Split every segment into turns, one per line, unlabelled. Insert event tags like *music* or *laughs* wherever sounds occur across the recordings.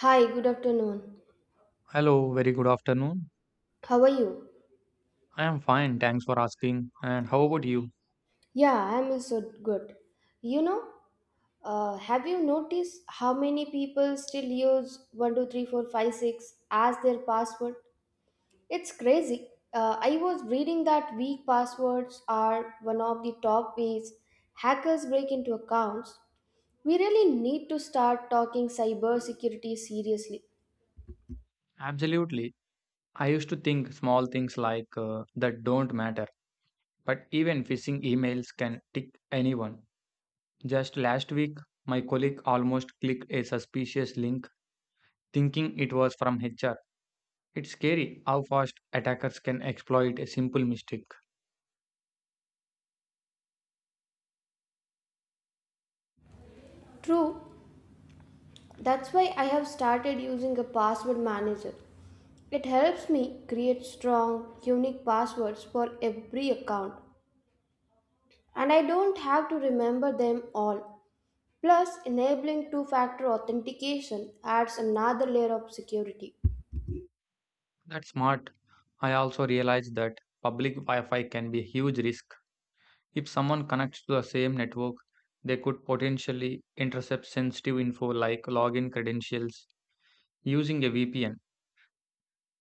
Hi, good afternoon.
Hello, very good afternoon.
How are you?
I am fine, thanks for asking. And how about you?
Yeah, I'm also good. You know, have you noticed how many people still use 123456 as their password? It's crazy. I was reading that weak passwords are one of the top ways hackers break into accounts. We really need to start talking cybersecurity seriously.
Absolutely. I used to think small things like that don't matter, but even phishing emails can tick anyone. Just last week, my colleague almost clicked a suspicious link thinking it was from HR. It's scary how fast attackers can exploit a simple mistake.
True. That's why I have started using a password manager. It helps me create strong, unique passwords for every account, and I don't have to remember them all. Plus, enabling two factor authentication adds another layer of security.
That's smart. I also realized that public Wi Fi can be a huge risk. If someone connects to the same network, they could potentially intercept sensitive info like login credentials. Using a VPN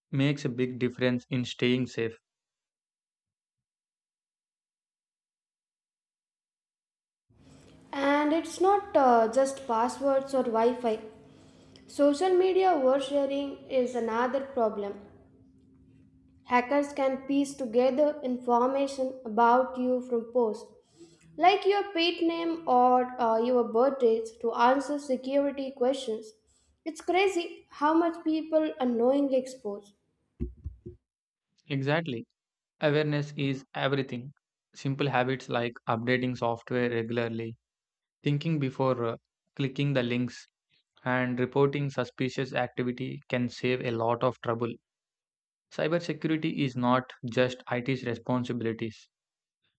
makes a big difference in staying safe.
And it's not just passwords or Wi Fi. Social media oversharing is another problem. Hackers can piece together information about you from posts like your pet name or your birth dates to answer security questions. It's crazy how much people unknowingly expose.
Exactly. Awareness is everything. Simple habits like updating software regularly, thinking before clicking the links, and reporting suspicious activity can save a lot of trouble. Cybersecurity is not just IT's responsibilities,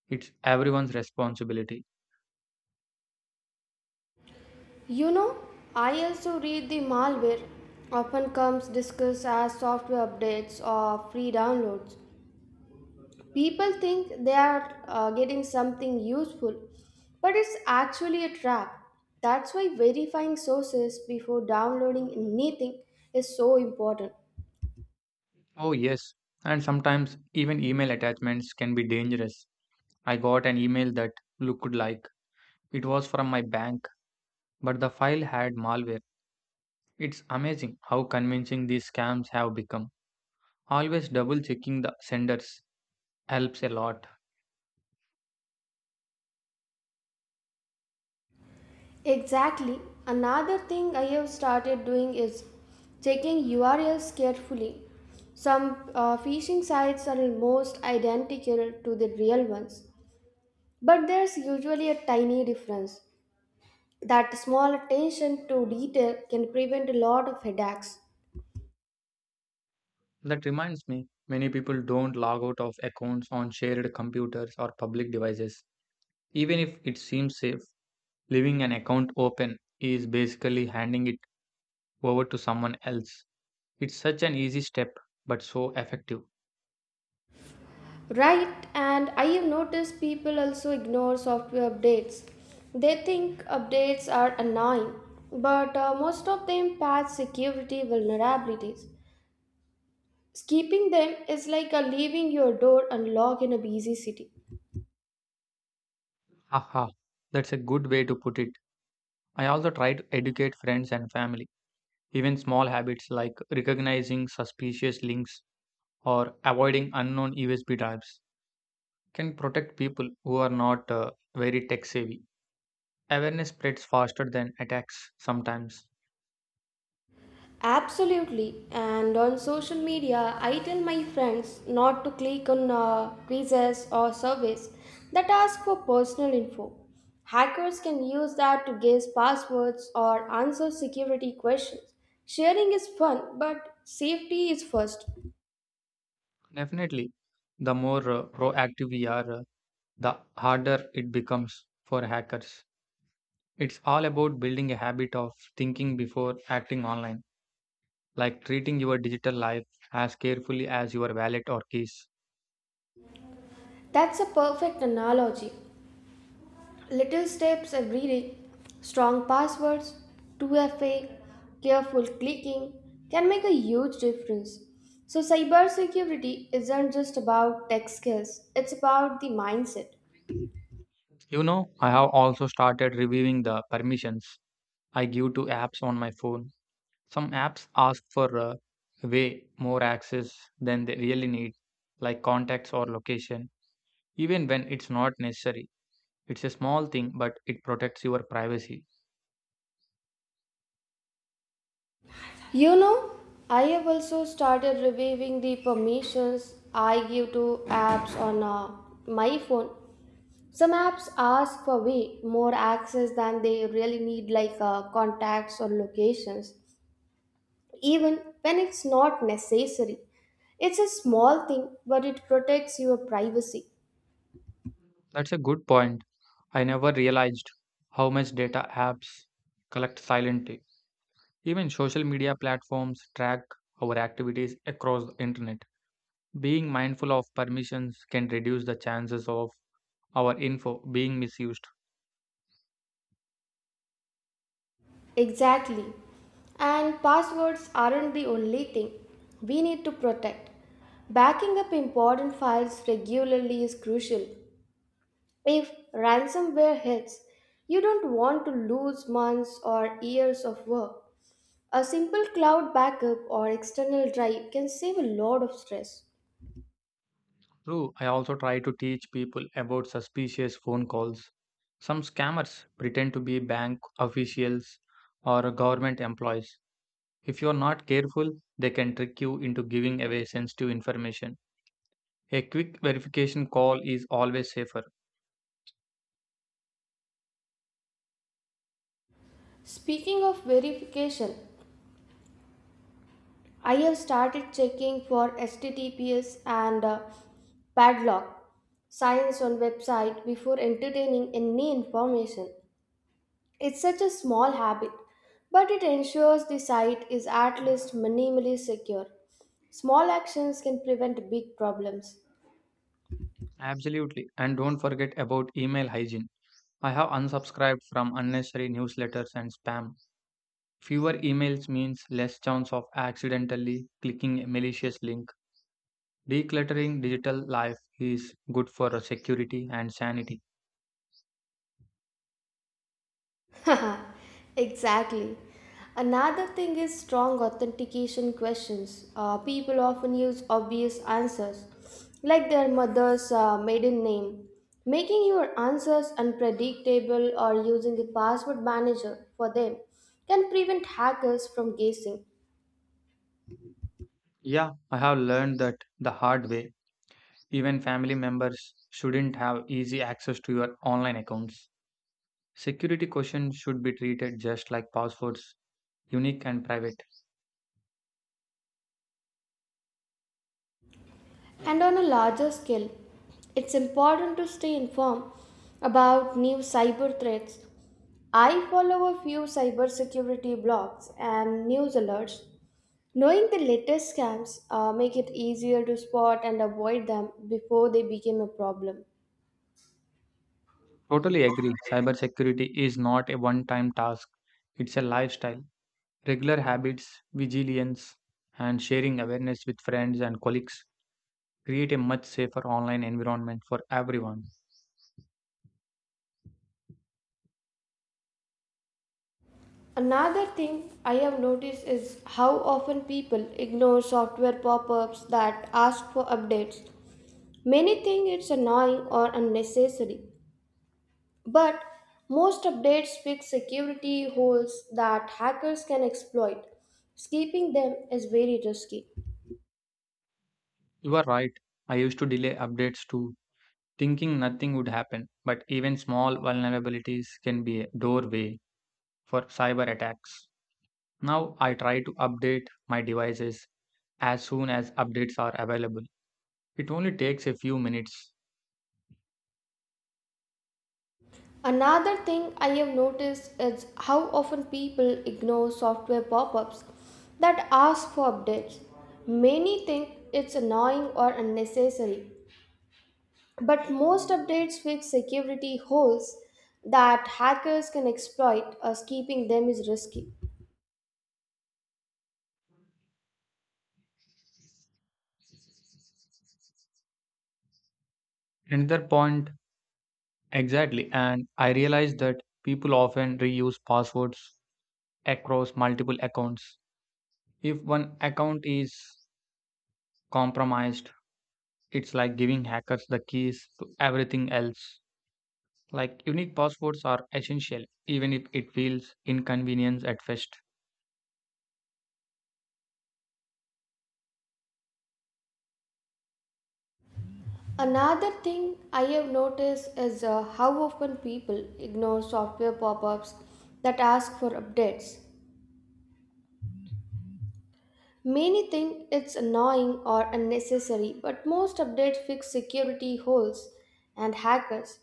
it's everyone's responsibility.
You know, I also read the malware often comes discussed as software updates or free downloads. People think they are getting something useful, but it's actually a trap. That's why verifying sources before downloading anything is so important.
Oh, yes. And sometimes even email attachments can be dangerous. I got an email that looked like it was from my bank, but the file had malware. It's amazing how convincing these scams have become. Always double checking the senders helps a lot.
Exactly. Another thing I have started doing is checking URLs carefully. Some phishing sites are almost identical to the real ones, but there's usually a tiny difference. That small attention to detail can prevent a lot of headaches.
That reminds me, many people don't log out of accounts on shared computers or public devices. Even if it seems safe, leaving an account open is basically handing it over to someone else. It's such an easy step, but so effective.
Right, and I have noticed people also ignore software updates. They think updates are annoying, but most of them patch security vulnerabilities. Skipping them is like a leaving your door unlocked in a busy city.
Haha, that's a good way to put it. I also try to educate friends and family. Even small habits like recognizing suspicious links or avoiding unknown USB drives can protect people who are not very tech savvy. Awareness spreads faster than attacks sometimes.
Absolutely. And on social media, I tell my friends not to click on quizzes or surveys that ask for personal info. Hackers can use that to guess passwords or answer security questions. Sharing is fun, but safety is first.
Definitely, the more proactive we are, the harder it becomes for hackers. It's all about building a habit of thinking before acting online, like treating your digital life as carefully as your wallet or keys.
That's a perfect analogy. Little steps every day, strong passwords, 2FA, careful clicking can make a huge difference. So, cybersecurity isn't just about tech skills, it's about the mindset.
You know, I have also started reviewing the permissions I give to apps on my phone. Some apps ask for way more access than they really need, like contacts or location, even when it's not necessary. It's a small thing, but it protects your privacy.
You know, I have also started reviewing the permissions I give to apps on my phone. Some apps ask for way more access than they really need, like contacts or locations, even when it's not necessary. It's a small thing, but it protects your privacy.
That's a good point. I never realized how much data apps collect silently. Even social media platforms track our activities across the internet. Being mindful of permissions can reduce the chances of our info being misused.
Exactly. And passwords aren't the only thing we need to protect. Backing up important files regularly is crucial. If ransomware hits, you don't want to lose months or years of work. A simple cloud backup or external drive can save a lot of stress.
True, I also try to teach people about suspicious phone calls. Some scammers pretend to be bank officials or government employees. If you are not careful, they can trick you into giving away sensitive information. A quick verification call is always safer.
Speaking of verification, I have started checking for HTTPS and padlock signs on website before entertaining any information. It's such a small habit, but it ensures the site is at least minimally secure. Small actions can prevent big problems.
Absolutely. And don't forget about email hygiene. I have unsubscribed from unnecessary newsletters and spam. Fewer emails means less chance of accidentally clicking a malicious link. Decluttering digital life is good for security and sanity.
*laughs* Exactly. Another thing is strong authentication questions. People often use obvious answers, like their mother's maiden name. Making your answers unpredictable or using a password manager for them can prevent hackers from guessing.
Yeah, I have learned that the hard way. Even family members shouldn't have easy access to your online accounts. Security questions should be treated just like passwords, unique and private.
And on a larger scale, it's important to stay informed about new cyber threats. I follow a few cybersecurity blogs and news alerts. Knowing the latest scams make it easier to spot and avoid them before they become a problem.
Totally agree. Cybersecurity is not a one time task, it's a lifestyle. Regular habits, vigilance, and sharing awareness with friends and colleagues create a much safer online environment for everyone.
Another thing I have noticed is how often people ignore software pop-ups that ask for updates. Many think it's annoying or unnecessary, but most updates fix security holes that hackers can exploit. Skipping them is very risky.
You are right. I used to delay updates too, thinking nothing would happen, but even small vulnerabilities can be a doorway for cyber attacks. Now I try to update my devices as soon as updates are available. It only takes a few minutes.
Another thing I have noticed is how often people ignore software pop ups that ask for updates. Many think it's annoying or unnecessary, but most updates fix security holes that hackers can exploit, as keeping them is risky.
Another point, exactly, and I realized that people often reuse passwords across multiple accounts. If one account is compromised, it's like giving hackers the keys to everything else. Like unique passwords are essential, even if it feels inconvenient at first.
Another thing I have noticed is how often people ignore software pop ups that ask for updates. Many think it's annoying or unnecessary, but most updates fix security holes and hackers.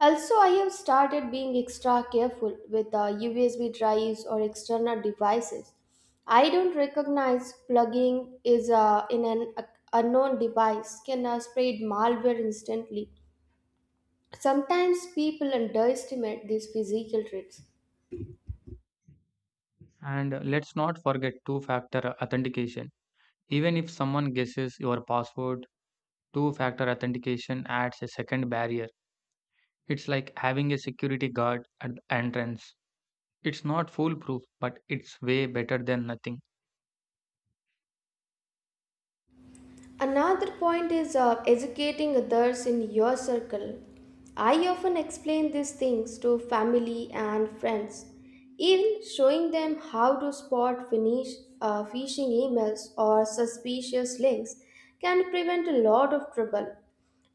Also, I have started being extra careful with USB drives or external devices. I don't recognize plugging is in an unknown device can spread malware instantly. Sometimes people underestimate these physical traits.
And let's not forget two factor authentication. Even if someone guesses your password, two factor authentication adds a second barrier. It's like having a security guard at the entrance. It's not foolproof, but it's way better than nothing.
Another point is educating others in your circle. I often explain these things to family and friends, even showing them how to phishing emails or suspicious links can prevent a lot of trouble.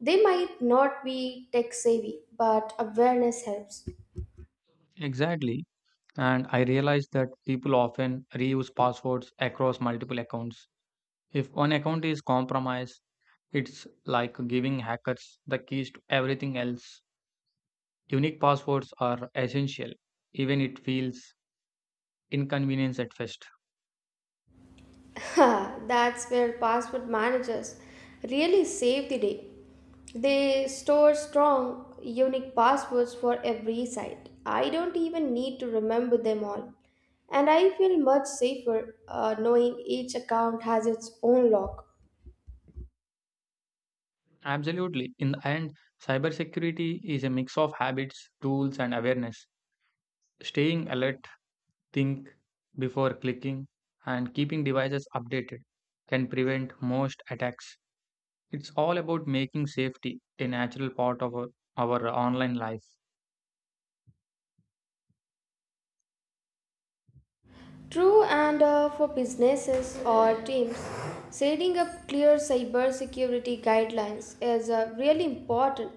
They might not be tech savvy, but awareness helps.
Exactly. And I realized that people often reuse passwords across multiple accounts. If one account is compromised, it's like giving hackers the keys to everything else. Unique passwords are essential, even it feels inconvenience at first.
*laughs* Ha, that's where password managers really save the day. They store strong, unique passwords for every site. I don't even need to remember them all. And I feel much safer knowing each account has its own lock.
Absolutely. In the end, cybersecurity is a mix of habits, tools, and awareness. Staying alert, think before clicking, and keeping devices updated can prevent most attacks. It's all about making safety a natural part of our online life.
True, and for businesses or teams, setting up clear cybersecurity guidelines is really important.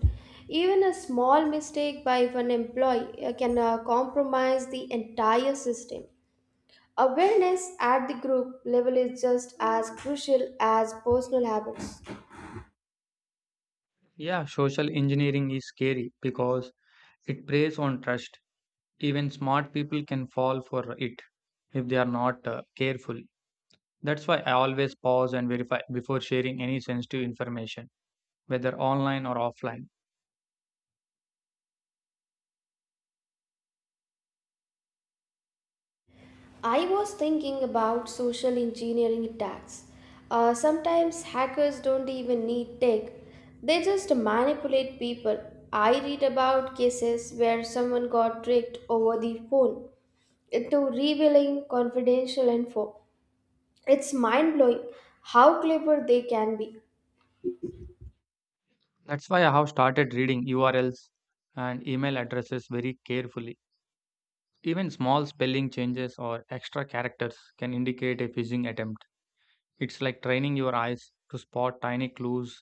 Even a small mistake by one employee can compromise the entire system. Awareness at the group level is just as crucial as personal habits.
Yeah, social engineering is scary because it preys on trust. Even smart people can fall for it if they are not careful. That's why I always pause and verify before sharing any sensitive information, whether online or offline.
I was thinking about social engineering attacks. Sometimes hackers don't even need tech, they just manipulate people. I read about cases where someone got tricked over the phone into revealing confidential info. It's mind blowing how clever they can be.
That's why I have started reading URLs and email addresses very carefully. Even small spelling changes or extra characters can indicate a phishing attempt. It's like training your eyes to spot tiny clues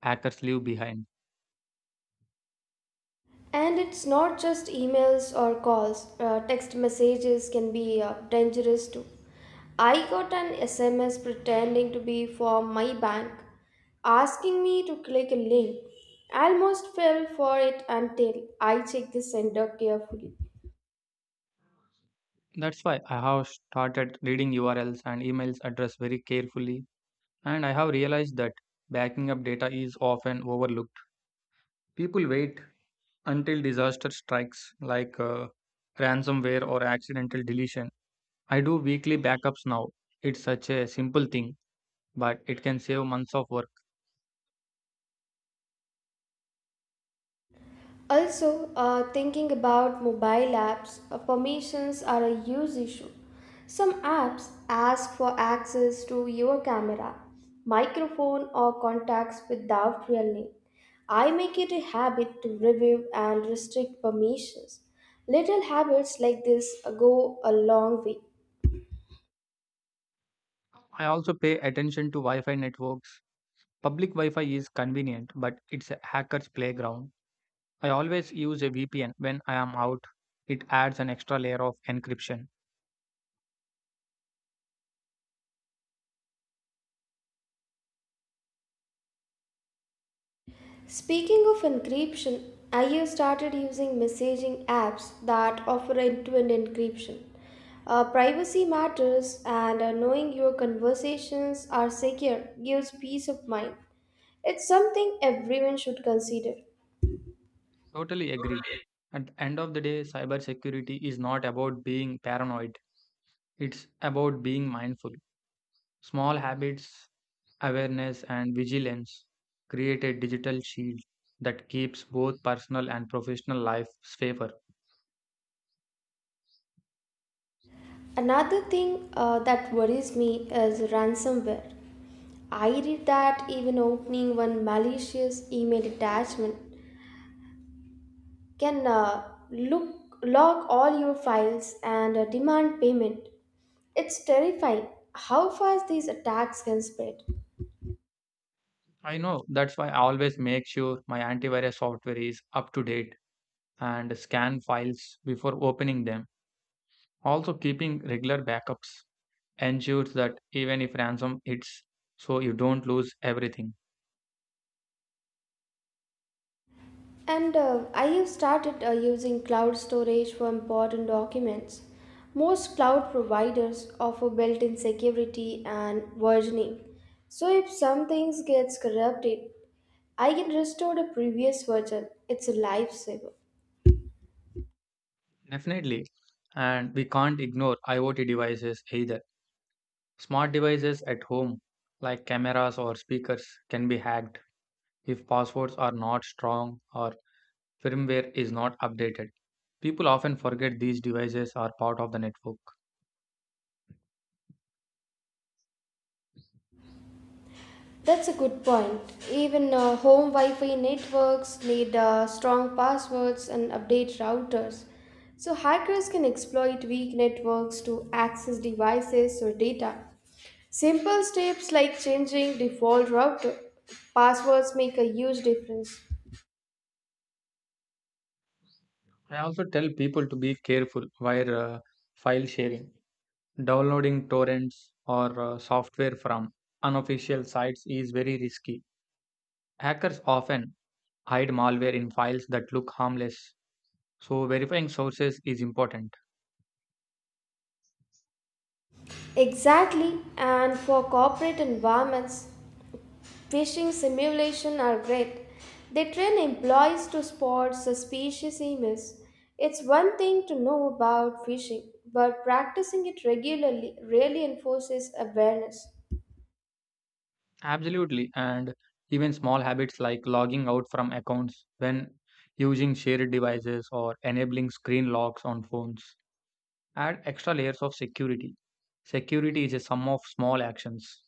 hackers leave behind.
And it's not just emails or calls, text messages can be dangerous too. I got an SMS pretending to be from my bank asking me to click a link. I almost fell for it until I checked the sender carefully.
That's why I have started reading URLs and emails address very carefully, and I have realized that backing up data is often overlooked. People wait until disaster strikes, like ransomware or accidental deletion. I do weekly backups now. It's such a simple thing, but it can save months of work.
Also, thinking about mobile apps, permissions are a huge issue. Some apps ask for access to your camera, microphone, or contacts without real name. I make it a habit to review and restrict permissions. Little habits like this go a long way.
I also pay attention to Wi Fi networks. Public Wi Fi is convenient, but it's a hacker's playground. I always use a VPN when I am out. It adds an extra layer of encryption.
Speaking of encryption, I have started using messaging apps that offer end to end encryption. Privacy matters, and knowing your conversations are secure gives peace of mind. It's something everyone should consider.
Totally agree. At the end of the day, cybersecurity is not about being paranoid. It's about being mindful. Small habits, awareness, and vigilance create a digital shield that keeps both personal and professional life safer.
Another thing that worries me is ransomware. I read that even opening one malicious email attachment can look log all your files and demand payment. It's terrifying how fast these attacks can spread.
I know that's why I always make sure my antivirus software is up to date and scan files before opening them. Also, keeping regular backups ensures that even if ransom hits, so you don't lose everything.
And I have started using cloud storage for important documents. Most cloud providers offer built-in security and versioning. So if some things gets corrupted, I can restore the previous version. It's a lifesaver.
Definitely. And we can't ignore IoT devices either. Smart devices at home, like cameras or speakers, can be hacked if passwords are not strong or firmware is not updated. People often forget these devices are part of the network.
That's a good point. Even home Wi Fi networks need strong passwords and update routers. So, hackers can exploit weak networks to access devices or data. Simple steps like changing default router passwords make a huge difference.
I also tell people to be careful while file sharing. Downloading torrents or software from unofficial sites is very risky. Hackers often hide malware in files that look harmless, so verifying sources is important.
Exactly, and for corporate environments, phishing simulations are great. They train employees to spot suspicious emails. It's one thing to know about phishing, but practicing it regularly really enforces awareness.
Absolutely, and even small habits like logging out from accounts when using shared devices or enabling screen locks on phones add extra layers of security. Security is a sum of small actions.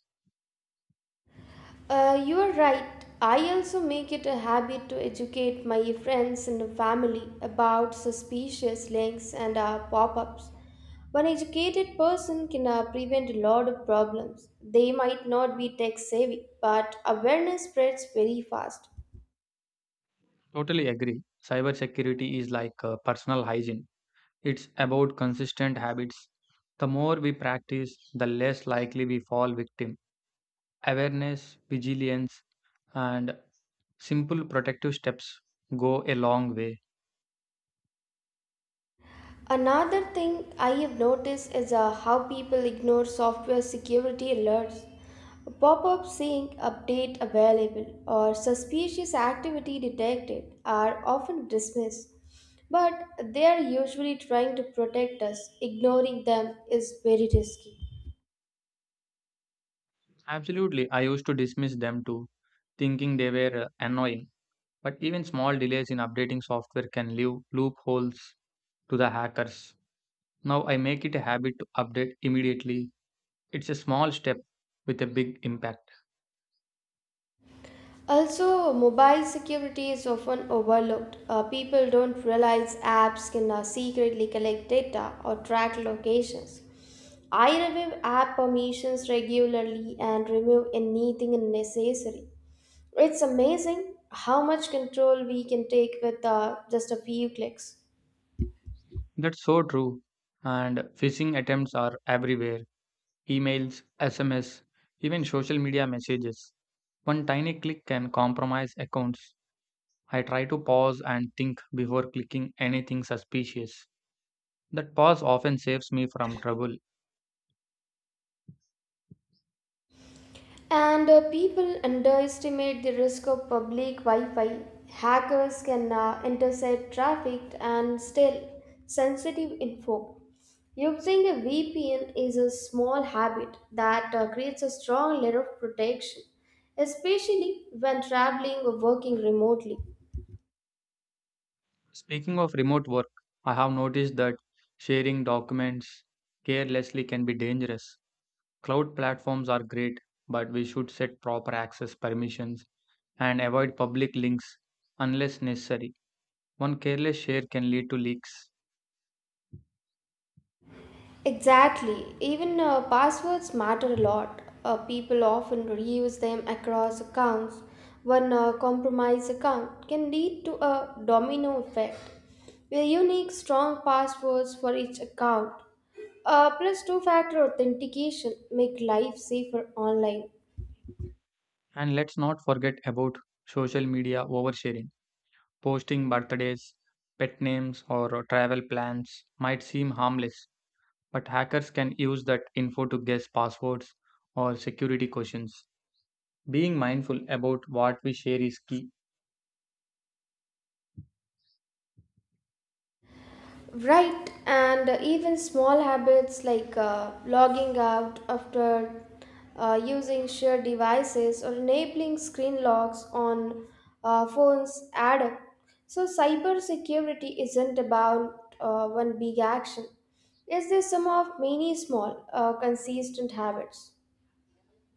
You are right. I also make it a habit to educate my friends and family about suspicious links and pop ups. One educated person can prevent a lot of problems. They might not be tech savvy, but awareness spreads very fast.
Totally agree. Cybersecurity is like personal hygiene, it's about consistent habits. The more we practice, the less likely we fall victim. Awareness, vigilance, and simple protective steps go a long way.
Another thing I have noticed is how people ignore software security alerts. A pop up saying update available or suspicious activity detected are often dismissed, but they are usually trying to protect us. Ignoring them is very risky.
Absolutely, I used to dismiss them too, thinking they were annoying. But even small delays in updating software can leave loopholes to the hackers. Now I make it a habit to update immediately. It's a small step with a big impact.
Also, mobile security is often overlooked. People don't realize apps can now secretly collect data or track locations. I review app permissions regularly and remove anything unnecessary. It's amazing how much control we can take with just a few clicks.
That's so true. And phishing attempts are everywhere: emails, SMS, even social media messages. One tiny click can compromise accounts. I try to pause and think before clicking anything suspicious. That pause often saves me from trouble.
And people underestimate the risk of public Wi Fi. Hackers can intercept traffic and steal sensitive info. Using a VPN is a small habit that creates a strong layer of protection, especially when traveling or working remotely.
Speaking of remote work, I have noticed that sharing documents carelessly can be dangerous. Cloud platforms are great, but we should set proper access permissions and avoid public links unless necessary. One careless share can lead to leaks.
Exactly. Even passwords matter a lot. People often reuse them across accounts. One compromised account can lead to a domino effect. Where unique, strong passwords for each account, plus two factor authentication, make life safer online.
And let's not forget about social media oversharing. Posting birthdays, pet names, or travel plans might seem harmless, but hackers can use that info to guess passwords or security questions. Being mindful about what we share is key.
Right, and even small habits like logging out after using shared devices or enabling screen locks on phones add up. So, cybersecurity isn't about one big action, it's the sum of many small, consistent habits.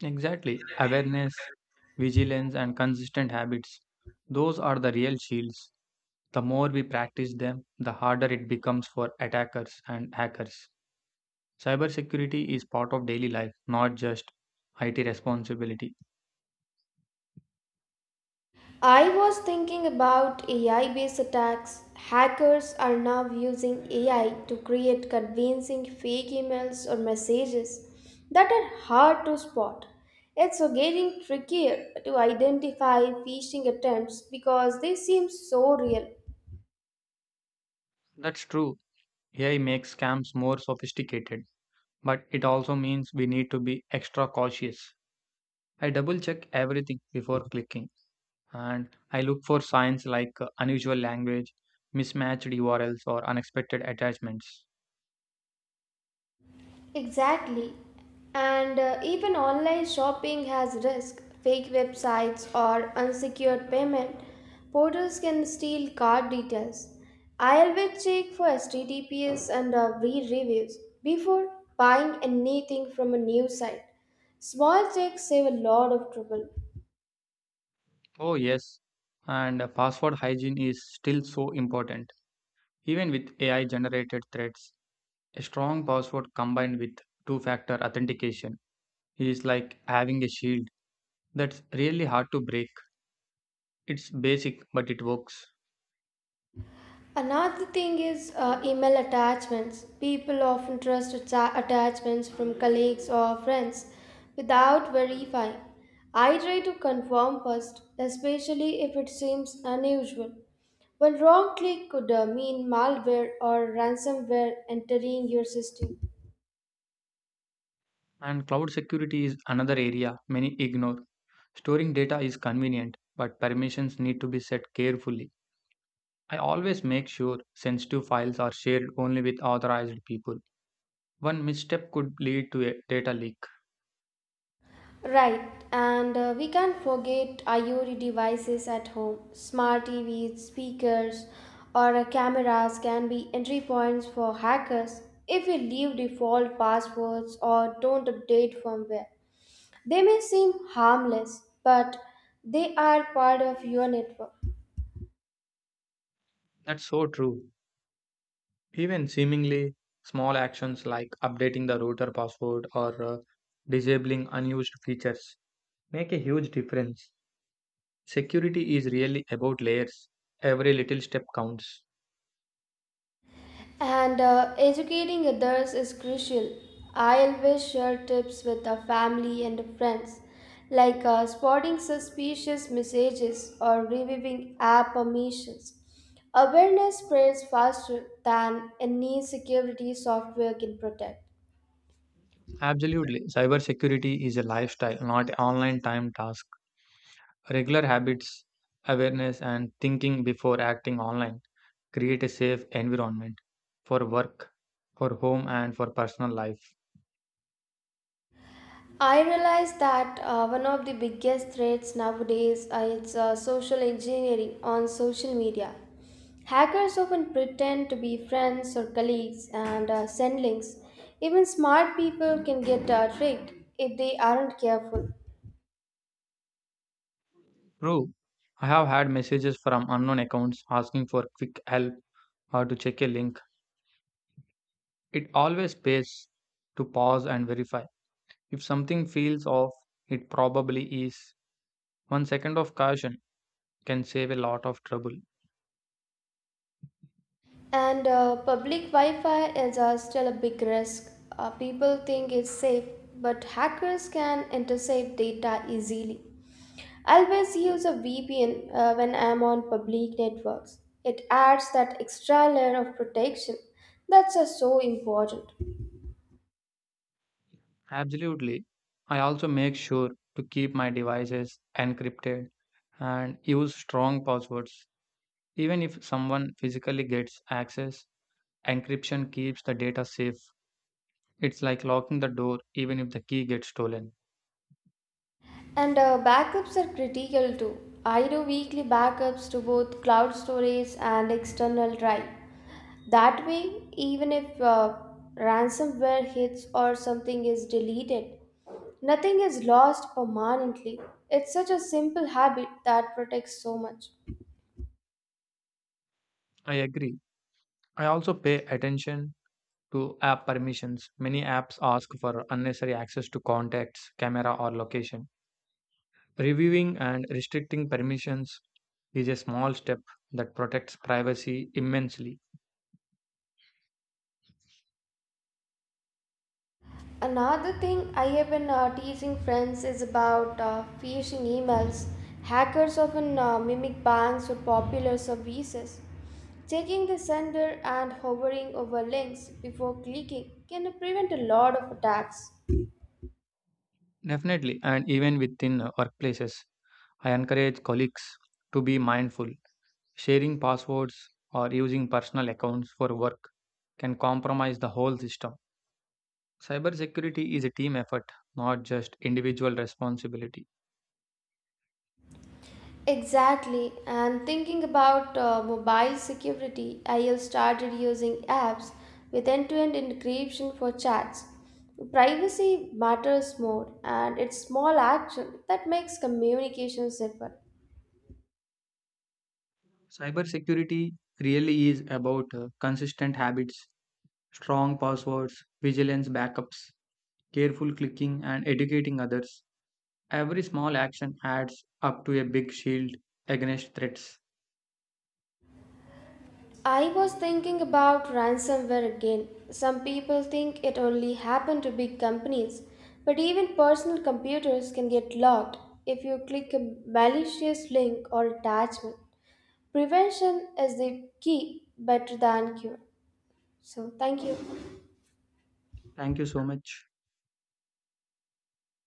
Exactly. Awareness, vigilance, and consistent habits. Those are the real shields. The more we practice them, the harder it becomes for attackers and hackers. Cybersecurity is part of daily life, not just IT responsibility.
I was thinking about AI based attacks. Hackers are now using AI to create convincing fake emails or messages that are hard to spot. It's so getting trickier to identify phishing attempts because they seem so real.
That's true. AI makes scams more sophisticated, but it also means we need to be extra cautious. I double check everything before clicking, and I look for signs like unusual language, mismatched URLs, or unexpected attachments.
Exactly. And even online shopping has risk. Fake websites or unsecured payment portals can steal card details. I always check for HTTPS and re-reviews before buying anything from a new site. Small checks save a lot of trouble.
Oh, yes, and password hygiene is still so important. Even with AI generated threats, a strong password combined with two factor authentication is like having a shield that's really hard to break. It's basic, but it works.
Another thing is email attachments. People often trust attachments from colleagues or friends without verifying. I try to confirm first, especially if it seems unusual. One wrong click could mean malware or ransomware entering your system.
And cloud security is another area many ignore. Storing data is convenient, but permissions need to be set carefully. I always make sure sensitive files are shared only with authorized people. One misstep could lead to a data leak.
Right, and we can't forget IoT devices at home. Smart TVs, speakers, or cameras can be entry points for hackers if we leave default passwords or don't update firmware. They may seem harmless, but they are part of your network.
That's so true. Even seemingly small actions like updating the router password or disabling unused features make a huge difference. Security is really about layers. Every little step counts.
And educating others is crucial. I always share tips with the family and friends, like spotting suspicious messages or reviewing app omissions. Awareness spreads faster than any security software can protect.
Absolutely. Cybersecurity is a lifestyle, not an online time task. Regular habits, awareness, and thinking before acting online create a safe environment for work, for home, and for personal life.
I realize that one of the biggest threats nowadays is social engineering on social media. Hackers often pretend to be friends or colleagues and send links. Even smart people can get tricked if they aren't careful.
True, I have had messages from unknown accounts asking for quick help or to check a link. It always pays to pause and verify. If something feels off, it probably is. One second of caution can save a lot of trouble.
And public Wi Fi is still a big risk. People think it's safe, but hackers can intercept data easily. I always use a VPN when I'm on public networks. It adds that extra layer of protection that's so important.
Absolutely. I also make sure to keep my devices encrypted and use strong passwords. Even if someone physically gets access, encryption keeps the data safe. It's like locking the door even if the key gets stolen.
And backups are critical too. I do weekly backups to both cloud storage and external drive. That way, even if ransomware hits or something is deleted, nothing is lost permanently. It's such a simple habit that protects so much.
I agree. I also pay attention to app permissions. Many apps ask for unnecessary access to contacts, camera, or location. Reviewing and restricting permissions is a small step that protects privacy immensely.
Another thing I have been teasing friends is about phishing emails. Hackers often mimic banks or popular services. Checking the sender and hovering over links before clicking can prevent a lot of attacks.
Definitely, and even within workplaces, I encourage colleagues to be mindful. Sharing passwords or using personal accounts for work can compromise the whole system. Cybersecurity is a team effort, not just individual responsibility.
Exactly, and thinking about mobile security, I have started using apps with end to end encryption for chats. Privacy matters more, and it's small action that makes communication safer.
Cybersecurity really is about consistent habits, strong passwords, vigilance backups, careful clicking, and educating others. Every small action adds up to a big shield against threats.
I was thinking about ransomware again. Some people think it only happened to big companies, but even personal computers can get locked if you click a malicious link or attachment. Prevention is the key better than cure. So, thank you.
Thank you so much.